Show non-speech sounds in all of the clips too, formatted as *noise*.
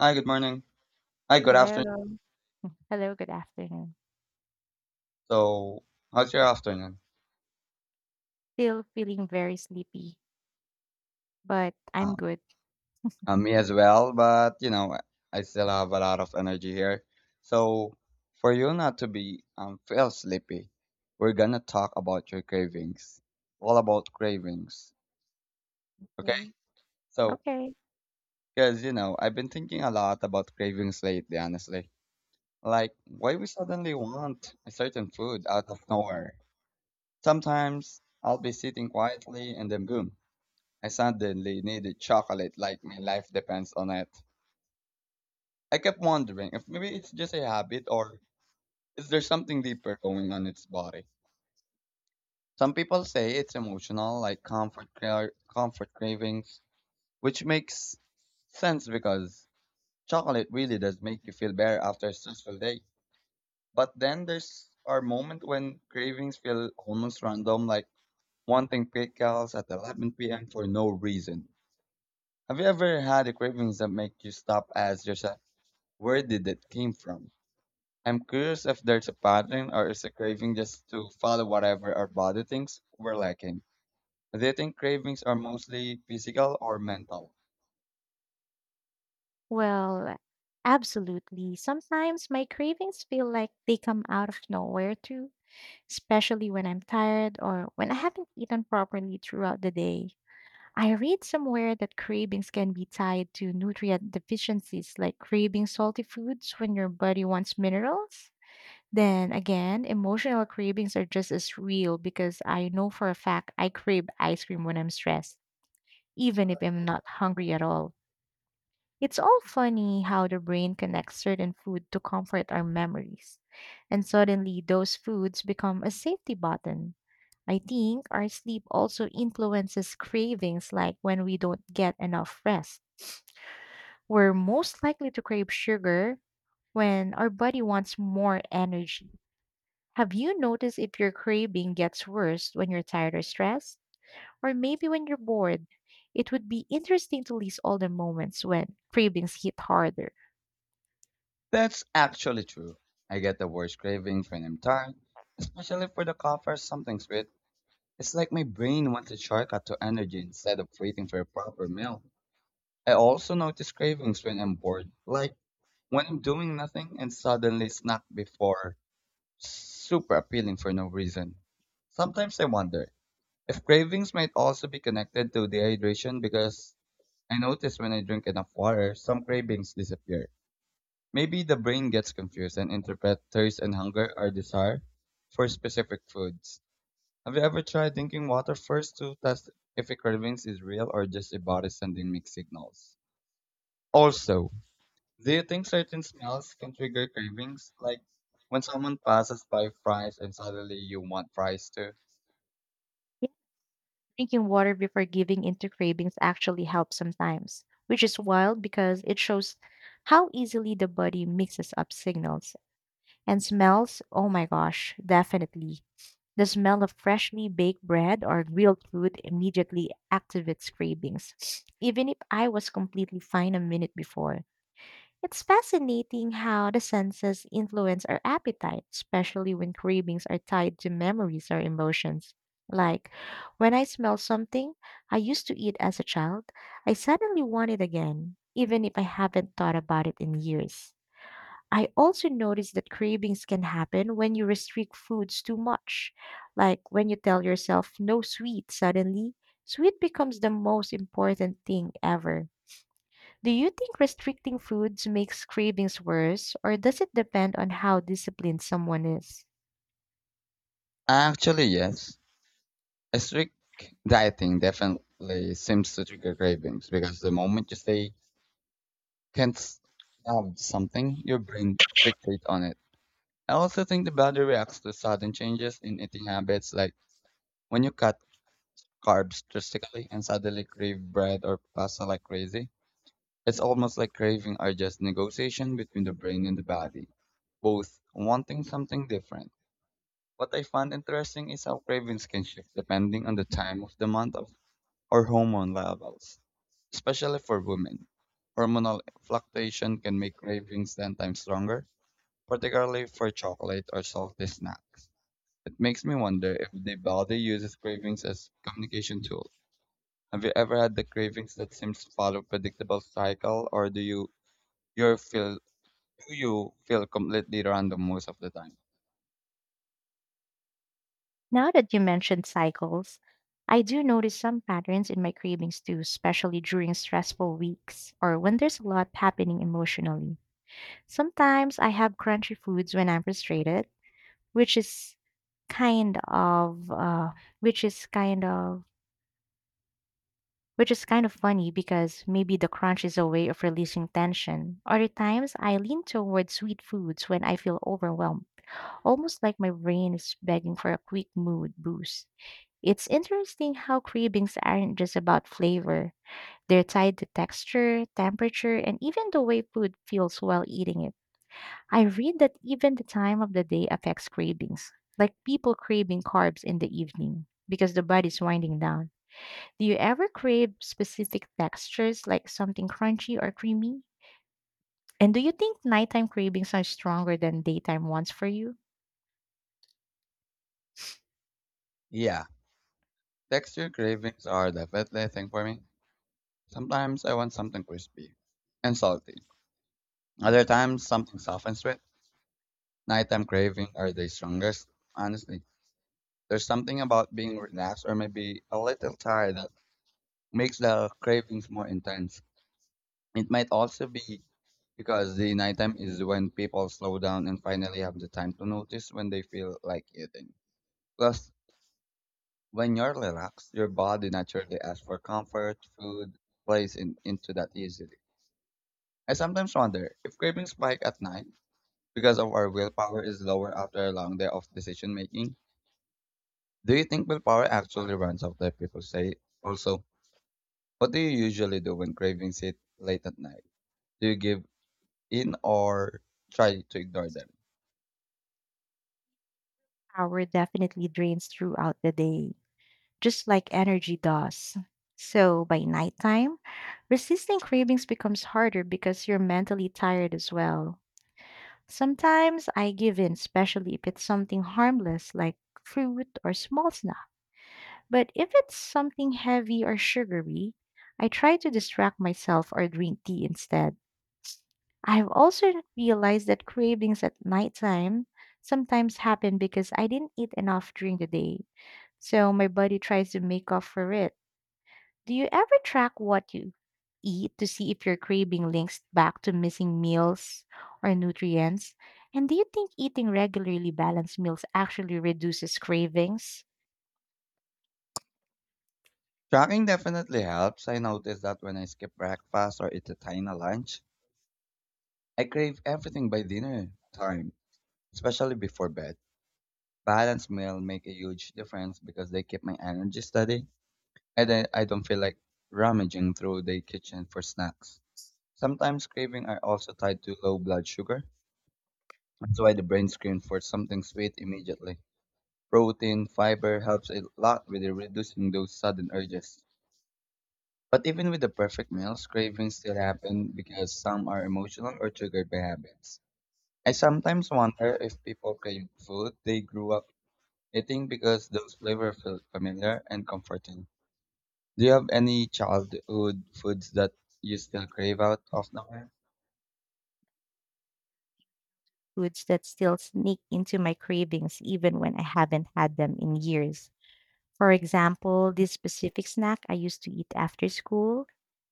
Hi, good morning. Hi, good afternoon. Hello. Hello, good afternoon. So, how's your afternoon? Still feeling very sleepy, but I'm Um, good. Me as well, but I still have a lot of energy here. So, for you not to be feel sleepy, we're gonna talk about your cravings. All about cravings, okay? Mm. So, Okay. because I've been thinking a lot about cravings lately, honestly. Like, why we suddenly want a certain food out of nowhere? Sometimes I'll be sitting quietly and then boom. I suddenly needed chocolate like my life depends on it. I kept wondering if maybe it's just a habit or is there something deeper going on its body. Some people say it's emotional, like comfort cravings, which makes sense because chocolate really does make you feel better after a stressful day. But then there's our moment when cravings feel almost random, like wanting pickles at 11 p.m. for no reason. Have you ever had a cravings that make you stop, ask yourself? Where did it came from? I'm curious if there's a pattern or is a craving just to follow whatever our body thinks we're lacking. Do you think cravings are mostly physical or mental? Well, absolutely. Sometimes my cravings feel like they come out of nowhere too, especially when I'm tired or when I haven't eaten properly throughout the day. I read somewhere that cravings can be tied to nutrient deficiencies, like craving salty foods when your body wants minerals. Then again, emotional cravings are just as real because I know for a fact I crave ice cream when I'm stressed, even if I'm not hungry at all. It's all funny how the brain connects certain food to comfort our memories. And suddenly, those foods become a safety button. I think our sleep also influences cravings, like when we don't get enough rest. We're most likely to crave sugar when our body wants more energy. Have you noticed if your craving gets worse when you're tired or stressed? Or maybe when you're bored? It would be interesting to list all the moments when cravings hit harder. That's actually true. I get the worst cravings when I'm tired, especially for the coffee or something sweet. It's like my brain wants a shortcut to energy instead of waiting for a proper meal. I also notice cravings when I'm bored, like when I'm doing nothing and suddenly snack before super appealing for no reason. Sometimes I wonder if cravings might also be connected to dehydration because I notice when I drink enough water, some cravings disappear. Maybe the brain gets confused and interprets thirst and hunger are desire for specific foods. Have you ever tried drinking water first to test if a cravings is real or just a body sending mixed signals? Also, do you think certain smells can trigger cravings? Like when someone passes by fries and suddenly you want fries too? Yeah, drinking water before giving into cravings actually helps sometimes, which is wild because it shows how easily the body mixes up signals. And smells, oh my gosh, definitely. The smell of freshly baked bread or grilled food immediately activates cravings, *sniffs* even if I was completely fine a minute before. It's fascinating how the senses influence our appetite, especially when cravings are tied to memories or emotions. Like when I smell something I used to eat as a child, I suddenly want it again, even if I haven't thought about it in years. I also noticed that cravings can happen when you restrict foods too much. Like when you tell yourself no sweet, suddenly, sweet becomes the most important thing ever. Do you think restricting foods makes cravings worse, or does it depend on how disciplined someone is? Actually, yes. A strict dieting definitely seems to trigger cravings because the moment you say can't have something, your brain fixates on it. I also think the body reacts to sudden changes in eating habits, like when you cut carbs drastically and suddenly crave bread or pasta like crazy. It's almost like craving are just negotiation between the brain and the body, both wanting something different. What I find interesting is how cravings can shift depending on the time of the month of or hormone levels, especially for women. Hormonal fluctuation can make cravings 10 times stronger, particularly for chocolate or salty snacks. It makes me wonder if the body uses cravings as communication tool. Have you ever had the cravings that seems to follow predictable cycle or you feel Do you feel completely random most of the time? Now that you mentioned cycles, I do notice some patterns in my cravings too, especially during stressful weeks or when there's a lot happening emotionally. Sometimes I have crunchy foods when I'm frustrated, which is kind of which is kind of which is kind of funny because maybe the crunch is a way of releasing tension. Other times, I lean toward sweet foods when I feel overwhelmed, almost like my brain is begging for a quick mood boost. It's interesting how cravings aren't just about flavor. They're tied to texture, temperature, and even the way food feels while eating it. I read that even the time of the day affects cravings, like people craving carbs in the evening because the body's winding down. Do you ever crave specific textures like something crunchy or creamy? And do you think nighttime cravings are stronger than daytime ones for you? Yeah, texture cravings are definitely a thing for me. Sometimes I want something crispy and salty. Other times, something soft and sweet. Nighttime cravings are the strongest. Honestly, there's something about being relaxed or maybe a little tired that makes the cravings more intense. It might also be because the nighttime is when people slow down and finally have the time to notice when they feel like eating. Plus, when you're relaxed, your body naturally asks for comfort, food, plays into that easily. I sometimes wonder if cravings spike at night because of our willpower is lower after a long day of decision making. Do you think willpower actually runs out that people say? Also, what do you usually do when cravings hit late at night? Do you give in or try to ignore them? Power definitely drains throughout the day, just like energy does. So by nighttime, resisting cravings becomes harder because you're mentally tired as well. Sometimes I give in, especially if it's something harmless like fruit or small snack. But if it's something heavy or sugary, I try to distract myself or drink tea instead. I've also realized that cravings at nighttime sometimes happen because I didn't eat enough during the day. So my body tries to make up for it. Do you ever track what you eat to see if your craving links back to missing meals or nutrients? And do you think eating regularly balanced meals actually reduces cravings? Tracking definitely helps. I notice that when I skip breakfast or eat a tiny lunch, I crave everything by dinner time, especially before bed. Balanced meal make a huge difference because they keep my energy steady and I don't feel like rummaging through the kitchen for snacks. Sometimes cravings are also tied to low blood sugar. That's why the brain screens for something sweet immediately. Protein, fiber helps a lot with reducing those sudden urges. But even with the perfect meals, cravings still happen because some are emotional or triggered by habits. I sometimes wonder if people crave food they grew up I think because those flavors felt familiar and comforting. Do you have any childhood foods that you still crave out of nowhere? Foods that still sneak into my cravings even when I haven't had them in years. For example, this specific snack I used to eat after school,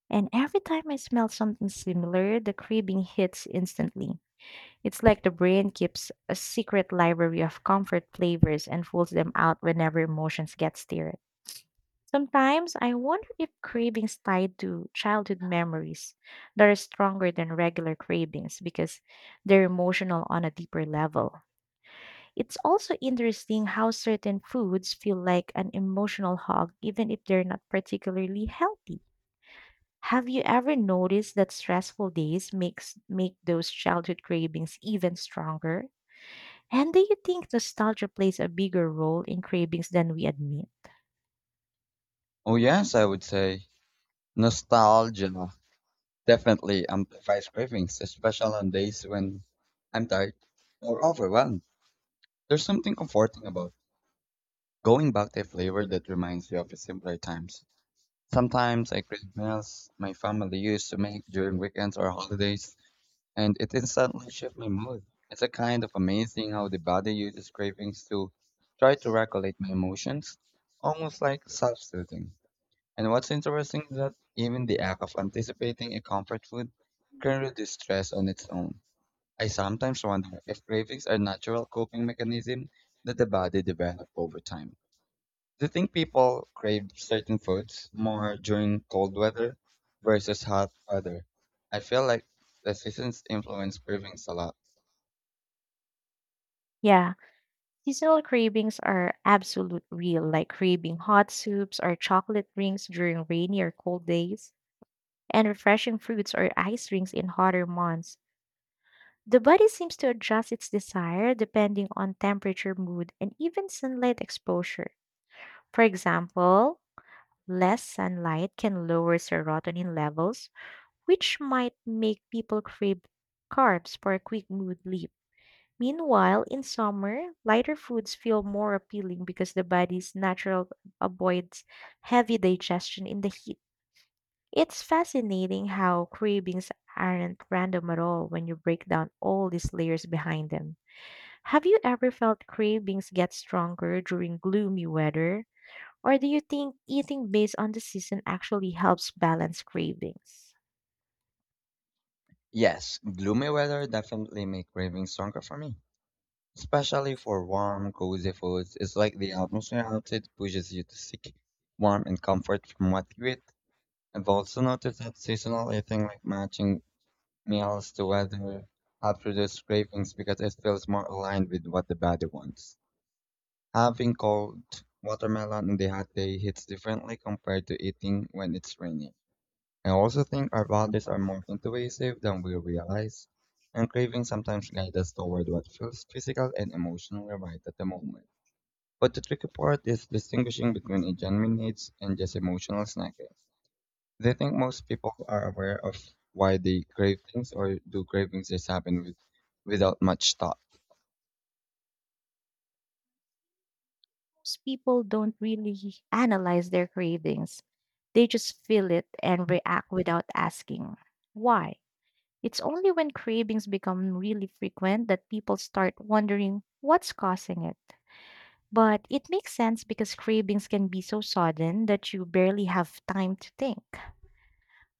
and every time I smell something similar, the craving hits instantly. It's like the brain keeps a secret library of comfort flavors and pulls them out whenever emotions get stirred. Sometimes I wonder if cravings tied to childhood memories that are stronger than regular cravings because they're emotional on a deeper level. It's also interesting how certain foods feel like an emotional hug even if they're not particularly healthy. Have you ever noticed that stressful days make those childhood cravings even stronger? And do you think nostalgia plays a bigger role in cravings than we admit? Oh yes, I would say nostalgia definitely amplifies cravings, especially on days when I'm tired or overwhelmed. There's something comforting about going back to a flavor that reminds you of the simpler times. Sometimes I crave meals my family used to make during weekends or holidays and it instantly shifts my mood. It's a kind of amazing how the body uses cravings to try to regulate my emotions, almost like self-soothing. And what's interesting is that even the act of anticipating a comfort food can reduce stress on its own. I sometimes wonder if cravings are natural coping mechanism that the body develops over time. Do you think people crave certain foods more during cold weather versus hot weather? I feel like the seasons influence cravings a lot. Yeah, seasonal cravings are absolute real, like craving hot soups or chocolate drinks during rainy or cold days, and refreshing fruits or ice drinks in hotter months. The body seems to adjust its desire depending on temperature, mood, and even sunlight exposure. For example, less sunlight can lower serotonin levels, which might make people crave carbs for a quick mood lift. Meanwhile, in summer, lighter foods feel more appealing because the body's natural avoids heavy digestion in the heat. It's fascinating how cravings aren't random at all when you break down all these layers behind them. Have you ever felt cravings get stronger during gloomy weather? Or do you think eating based on the season actually helps balance cravings? Yes, gloomy weather definitely make cravings stronger for me, especially for warm, cozy foods. It's like the atmosphere outside pushes you to seek warmth and comfort from what you eat. I've also noticed that seasonal eating, like matching meals to weather, helps reduce cravings because it feels more aligned with what the body wants. Having cold watermelon on the hot day hits differently compared to eating when it's raining. I also think our bodies are more intuitive than we realize, and cravings sometimes guide us toward what feels physical and emotionally right at the moment. But the tricky part is distinguishing between a genuine needs and just emotional snacking. Do you think most people are aware of why they crave things, or do cravings just happen without much thought? Most people don't really analyze their cravings. They just feel it and react without asking why. It's only when cravings become really frequent that people start wondering what's causing it. But it makes sense because cravings can be so sudden that you barely have time to think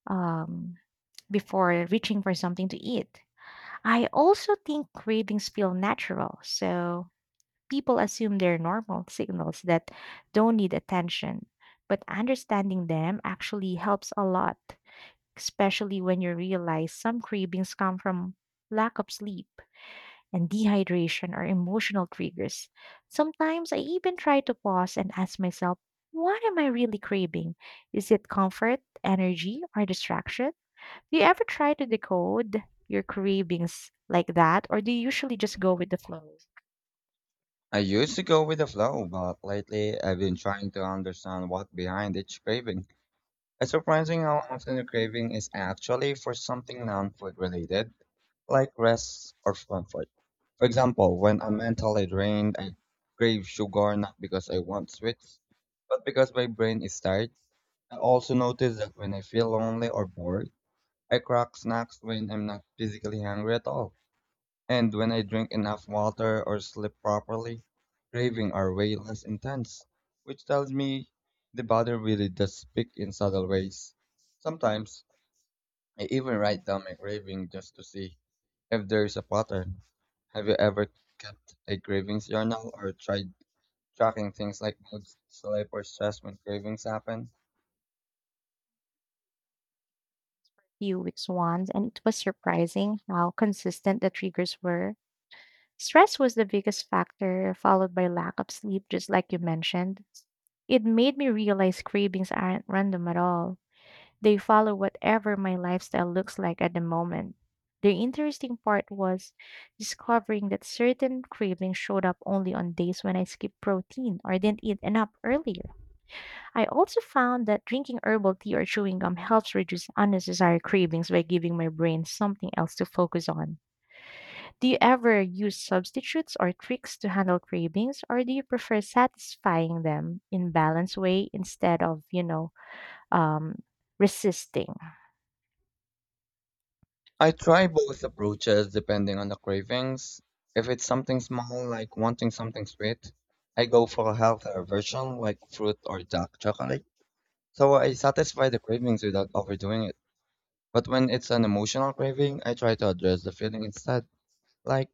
um, before reaching for something to eat. I also think cravings feel natural. So people assume they're normal signals that don't need attention. But understanding them actually helps a lot, especially when you realize some cravings come from lack of sleep and dehydration or emotional triggers. Sometimes I even try to pause and ask myself, what am I really craving? Is it comfort, energy, or distraction? Do you ever try to decode your cravings like that, or do you usually just go with the flow? I used to go with the flow, but lately I've been trying to understand what's behind each craving. It's surprising how often the craving is actually for something non-food related, like rest or comfort. For example, when I'm mentally drained, I crave sugar not because I want sweets, but because my brain is tired. I also notice that when I feel lonely or bored, I crack snacks when I'm not physically hungry at all. And when I drink enough water or sleep properly, craving are way less intense, which tells me the body really does speak in subtle ways. Sometimes I even write down my craving just to see if there is a pattern. Have you ever kept a cravings journal or tried tracking things like mood, sleep, or stress when cravings happen? Few weeks once, and it was surprising how consistent the triggers were. Stress was the biggest factor, followed by lack of sleep, just like you mentioned. It made me realize cravings aren't random at all. They follow whatever my lifestyle looks like at the moment. The interesting part was discovering that certain cravings showed up only on days when I skipped protein or didn't eat enough earlier. I also found that drinking herbal tea or chewing gum helps reduce unnecessary cravings by giving my brain something else to focus on. Do you ever use substitutes or tricks to handle cravings, or do you prefer satisfying them in balanced way instead of, you know, um, resisting? I try both approaches depending on the cravings. If it's something small, like wanting something sweet, I go for a healthier version, like fruit or dark chocolate. So I satisfy the cravings without overdoing it. But when it's an emotional craving, I try to address the feeling instead, like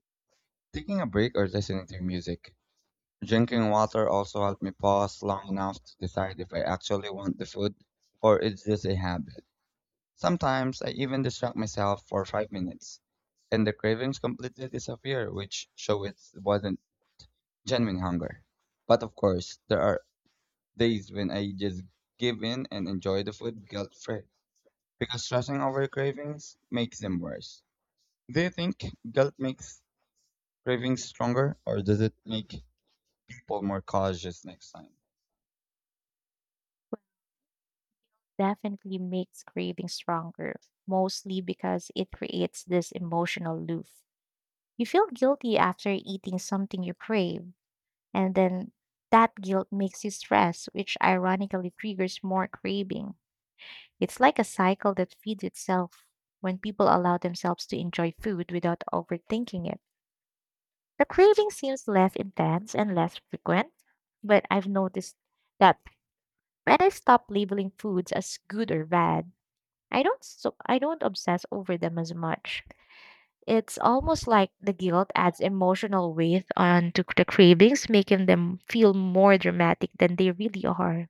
taking a break or listening to music. Drinking water also helps me pause long enough to decide if I actually want the food or it's just a habit. Sometimes I even distract myself for 5 minutes, and the cravings completely disappear, which show it wasn't genuine hunger. But of course, there are days when I just give in and enjoy the food guilt free, because stressing over cravings makes them worse. Do you think guilt makes cravings stronger, or does it make people more cautious next time? Definitely makes craving stronger, mostly because it creates this emotional loop. You feel guilty after eating something you crave. And then that guilt makes you stress, which ironically triggers more craving. It's like a cycle that feeds itself when people allow themselves to enjoy food without overthinking it. The craving seems less intense and less frequent, but I've noticed that when I stop labeling foods as good or bad, I don't obsess over them as much. It's almost like the guilt adds emotional weight onto the cravings, making them feel more dramatic than they really are.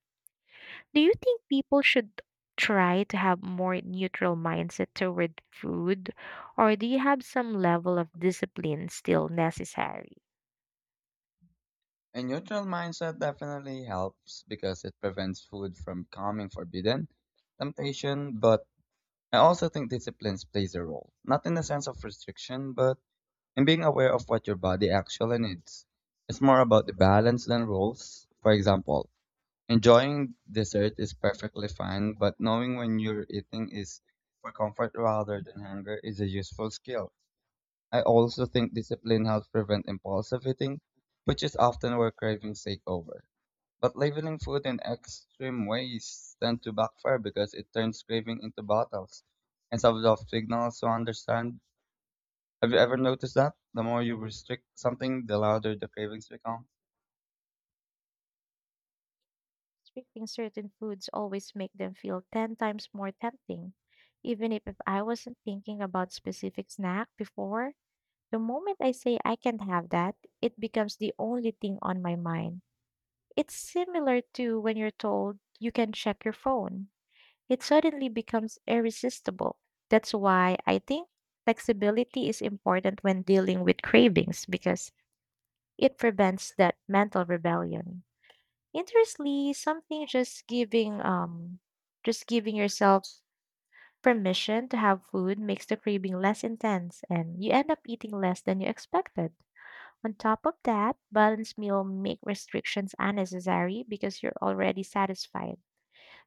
Do you think people should try to have more neutral mindset toward food, or do you have some level of discipline still necessary? A neutral mindset definitely helps because it prevents food from coming forbidden temptation, but I also think disciplines plays a role, not in the sense of restriction, but in being aware of what your body actually needs. It's more about the balance than rules. For example, enjoying dessert is perfectly fine, but knowing when you're eating is for comfort rather than hunger is a useful skill. I also think discipline helps prevent impulsive eating, which is often where cravings take over. But labeling food in extreme ways tend to backfire because it turns craving into battles instead of signals to understand. Have you ever noticed that? The more you restrict something, the louder the cravings become. Restricting certain foods always make them feel 10 times more tempting. Even if I wasn't thinking about specific snack before, the moment I say I can't have that, it becomes the only thing on my mind. It's similar to when you're told you can check your phone. It suddenly becomes irresistible. That's why I think flexibility is important when dealing with cravings because it prevents that mental rebellion. Interestingly, something just giving yourself permission to have food makes the craving less intense and you end up eating less than you expected. On top of that, balanced meal make restrictions unnecessary because you're already satisfied.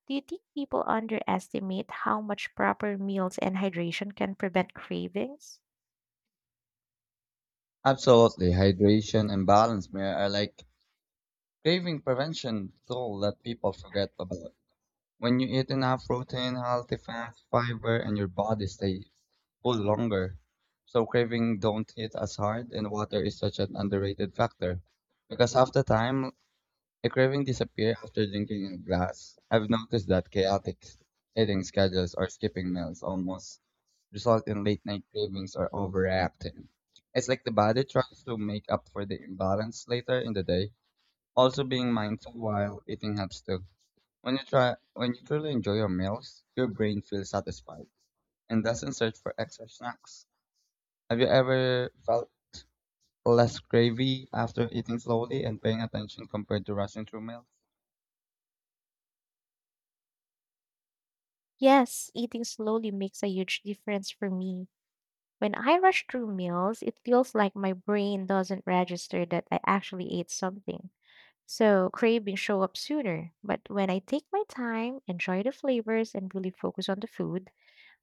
Do you think people underestimate how much proper meals and hydration can prevent cravings? Absolutely. Hydration and balance mirror are like craving prevention tool that people forget about. When you eat enough protein, healthy fats, fiber, and your body stays full longer. So craving don't hit as hard and water is such an underrated factor. Because half the time a craving disappear after drinking a glass. I've noticed that chaotic eating schedules or skipping meals almost result in late night cravings or overreacting. It's like the body tries to make up for the imbalance later in the day. Also being mindful while eating helps too. When you truly enjoy your meals, your brain feels satisfied and doesn't search for extra snacks. Have you ever felt less cravey after eating slowly and paying attention compared to rushing through meals? Yes, eating slowly makes a huge difference for me. When I rush through meals, it feels like my brain doesn't register that I actually ate something. So cravings show up sooner. But when I take my time, enjoy the flavors, and really focus on the food,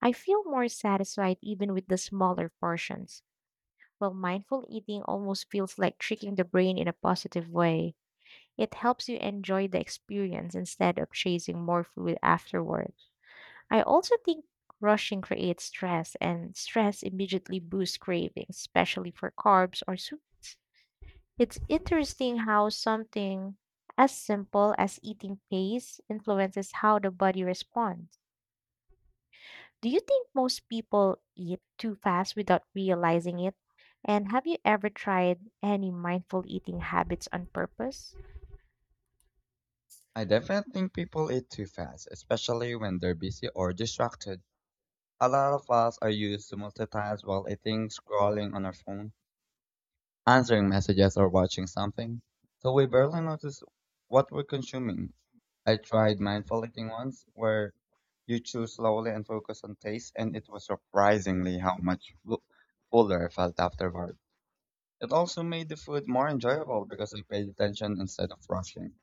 I feel more satisfied even with the smaller portions, while mindful eating almost feels like tricking the brain in a positive way. It helps you enjoy the experience instead of chasing more food afterward. I also think rushing creates stress, and stress immediately boosts cravings, especially for carbs or sweets. It's interesting how something as simple as eating pace influences how the body responds. Do you think most people eat too fast without realizing it? And have you ever tried any mindful eating habits on purpose? I definitely think people eat too fast, especially when they're busy or distracted. A lot of us are used to multitask while eating, scrolling on our phone, answering messages, or watching something. So we barely notice what we're consuming. I tried mindful eating once where you chew slowly and focus on taste, and it was surprisingly how much fuller I felt afterward. It also made the food more enjoyable because I paid attention instead of rushing.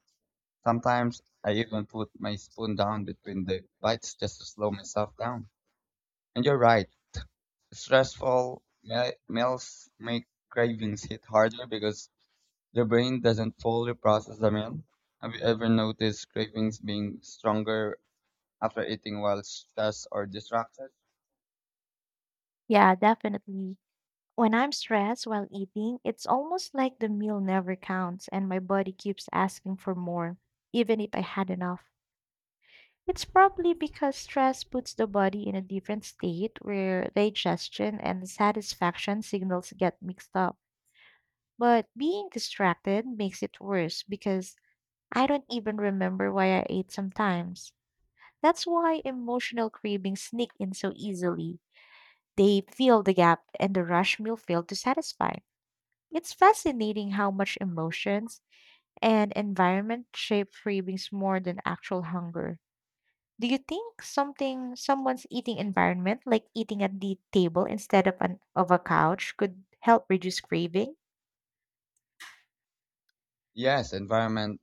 Sometimes I even put my spoon down between the bites just to slow myself down. And you're right, stressful meals make cravings hit harder because the brain doesn't fully process the meal. Have you ever noticed cravings being stronger after eating while stressed or distracted? Yeah, definitely. When I'm stressed while eating, it's almost like the meal never counts and my body keeps asking for more, even if I had enough. It's probably because stress puts the body in a different state where digestion and satisfaction signals get mixed up. But being distracted makes it worse because I don't even remember why I ate sometimes. That's why emotional cravings sneak in so easily. They fill the gap and the rush meal failed to satisfy. It's fascinating how much emotions and environment shape cravings more than actual hunger. Do you think something someone's eating environment, like eating at the table instead of an of a couch, could help reduce craving? Yes, environment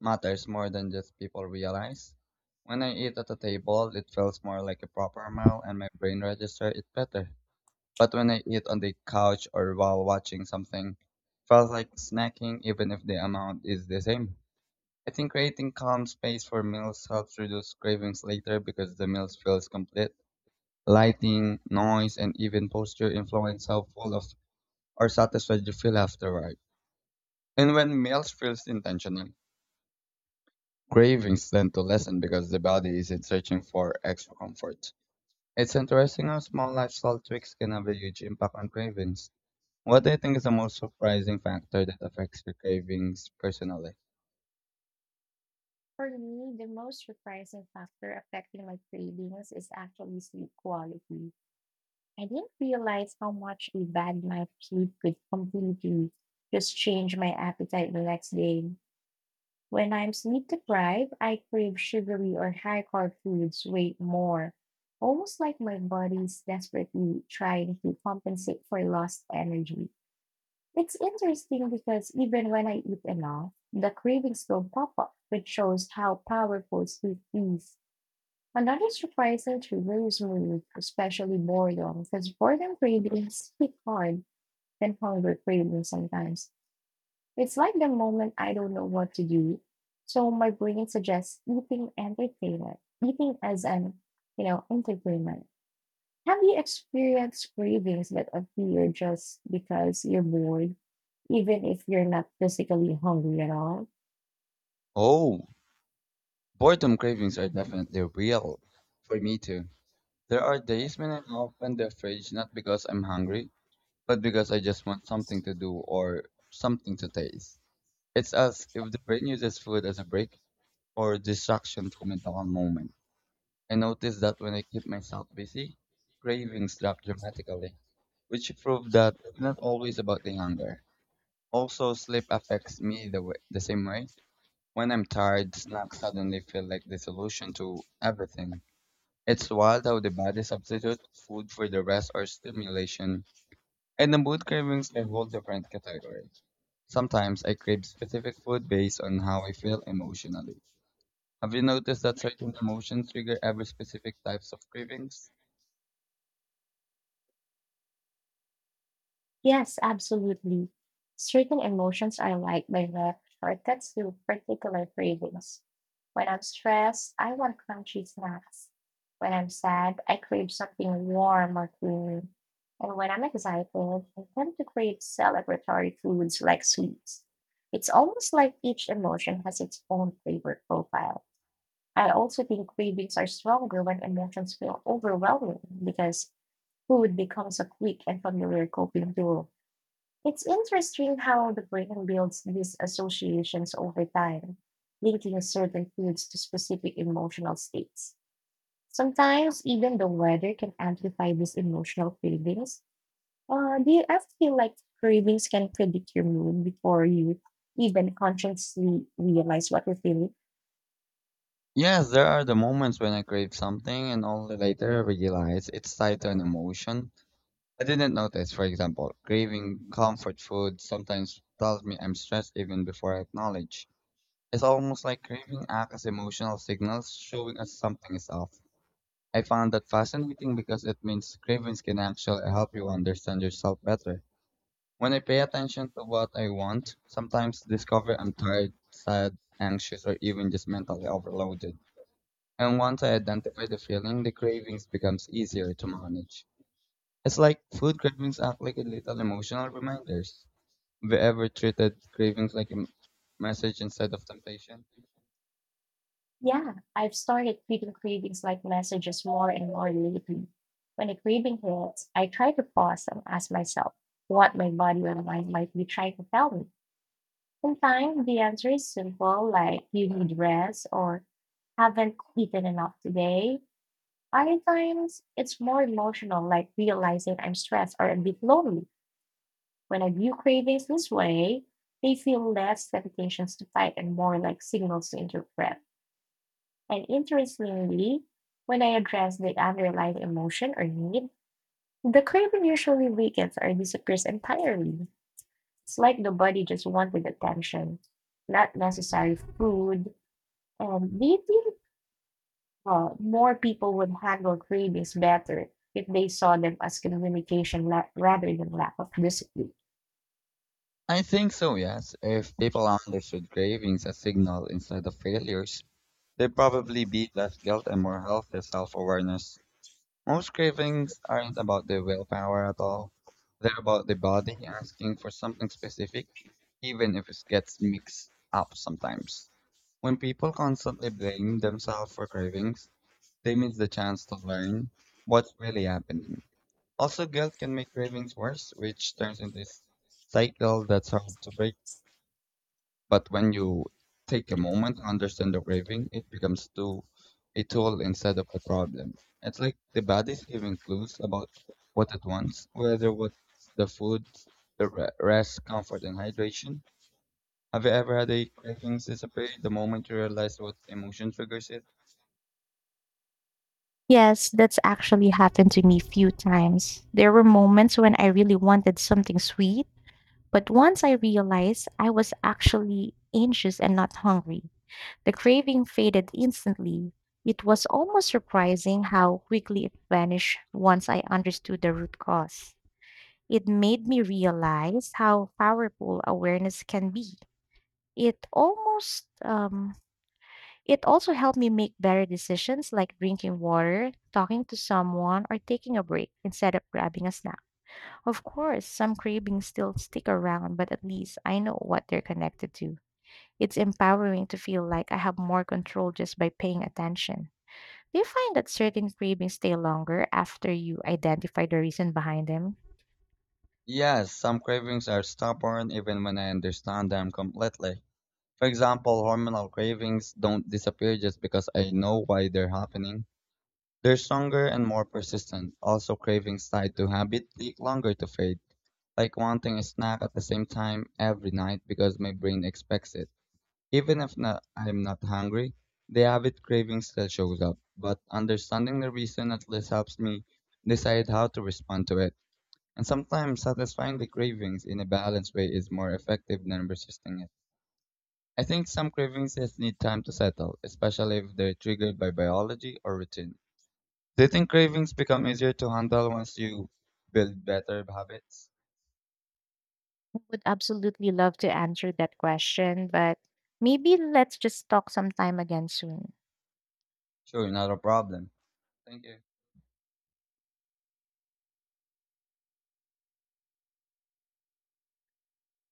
matters more than just people realize. When I eat at a table, it feels more like a proper meal and my brain registers it better. But when I eat on the couch or while watching something, feels like snacking even if the amount is the same. I think creating calm space for meals helps reduce cravings later because the meal feels complete. Lighting, noise, and even posture influence how full of or satisfied you feel afterward. And when meals feels intentional, cravings tend to lessen because the body isn't searching for extra comfort. It's interesting how small lifestyle tweaks can have a huge impact on cravings. What do you think is the most surprising factor that affects your cravings personally? For me, the most surprising factor affecting my cravings is actually sleep quality. I didn't realize how much a bad night's sleep could completely just change my appetite the next day. When I'm sleep deprived, I crave sugary or high carb foods way more, almost like my body's desperately trying to compensate for lost energy. It's interesting because even when I eat enough, the cravings still pop up, which shows how powerful sleep is. Another surprising trigger is mood, especially boredom, because boredom cravings hit hard than hunger cravings sometimes. It's like the moment I don't know what to do. So my brain suggests eating entertainment, eating as an, you know, entertainment. Have you experienced cravings that appear just because you're bored, even if you're not physically hungry at all? Oh, boredom cravings are definitely real. For me too. There are days when I open the fridge not because I'm hungry, but because I just want something to do or something to taste. It's as if the brain uses food as a break or distraction from a dull moment. I noticed that when I keep myself busy, cravings drop dramatically, which proved that it's not always about the hunger. Also, sleep affects me the, way, the same way. When I'm tired, snacks suddenly feel like the solution to everything. It's wild how the body substitutes food for the rest or stimulation. And the mood cravings are a whole different category. Sometimes I crave specific food based on how I feel emotionally. Have you noticed that certain emotions trigger every specific types of cravings? Yes, absolutely. Certain emotions are like direct shortcuts to particular cravings. When I'm stressed, I want crunchy snacks. When I'm sad, I crave something warm or creamy. And when I'm excited, I tend to crave celebratory foods like sweets. It's almost like each emotion has its own flavor profile. I also think cravings are stronger when emotions feel overwhelming because food becomes a quick and familiar coping tool. It's interesting how the brain builds these associations over time, linking certain foods to specific emotional states. Sometimes even the weather can amplify these emotional cravings. Do you ever feel like cravings can predict your mood before you even consciously realize what you're feeling? Yes, there are the moments when I crave something and only later realize it's tied to an emotion I didn't notice. For example, craving comfort food sometimes tells me I'm stressed even before I acknowledge. It's almost like craving acts as emotional signals showing us something is off. I found that fascinating because it means cravings can actually help you understand yourself better. When I pay attention to what I want, sometimes discover I'm tired, sad, anxious, or even just mentally overloaded. And once I identify the feeling, the cravings becomes easier to manage. It's like food cravings act like a little emotional reminders. Have you ever treated cravings like a message instead of temptation? Yeah, I've started treating cravings like messages more and more lately. When a craving hits, I try to pause and ask myself what my body or mind might be trying to tell me. Sometimes the answer is simple, like you need rest or haven't eaten enough today. Other times it's more emotional, like realizing I'm stressed or a bit lonely. When I view cravings this way, they feel less temptations to fight and more like signals to interpret. And interestingly, when I address the underlying emotion or need, the craving usually weakens or disappears entirely. It's like the body just wanted attention, not necessary food. Do you think more people would handle cravings better if they saw them as communication rather than lack of discipline? I think so, yes. If people understood cravings as signal instead of failures, they'd probably be less guilt and more healthy self-awareness. Most cravings aren't about the willpower at all. They're about the body asking for something specific even if it gets mixed up sometimes. When people constantly blame themselves for cravings, they miss the chance to learn what's really happening. Also, guilt can make cravings worse, which turns into this cycle that's hard to break. But when you take a moment to understand the craving, it becomes to a tool instead of a problem. It's like the body's giving clues about what it wants, whether what's the food, the rest, comfort, and hydration. Have you ever had a cravings disappear the moment you realize what emotion triggers it? Yes, that's actually happened to me few times. There were moments when I really wanted something sweet, but once I realized I was actually anxious and not hungry, the craving faded instantly. It was almost surprising how quickly it vanished once I understood the root cause. It made me realize how powerful awareness can be. It almost um, it also helped me make better decisions like drinking water, talking to someone, or taking a break instead of grabbing a snack. Of course, some cravings still stick around, but at least I know what they're connected to. It's empowering to feel like I have more control just by paying attention. Do you find that certain cravings stay longer after you identify the reason behind them? Yes, some cravings are stubborn even when I understand them completely. For example, hormonal cravings don't disappear just because I know why they're happening. They're stronger and more persistent. Also, cravings tied to habit take longer to fade, like wanting a snack at the same time every night because my brain expects it. Even if not, I'm not hungry, the habit craving still shows up, but understanding the reason at least helps me decide how to respond to it. And sometimes satisfying the cravings in a balanced way is more effective than resisting it. I think some cravings just need time to settle, especially if they're triggered by biology or routine. Do you think cravings become easier to handle once you build better habits? I would absolutely love to answer that question, but maybe let's just talk sometime again soon. Sure, not a problem. Thank you.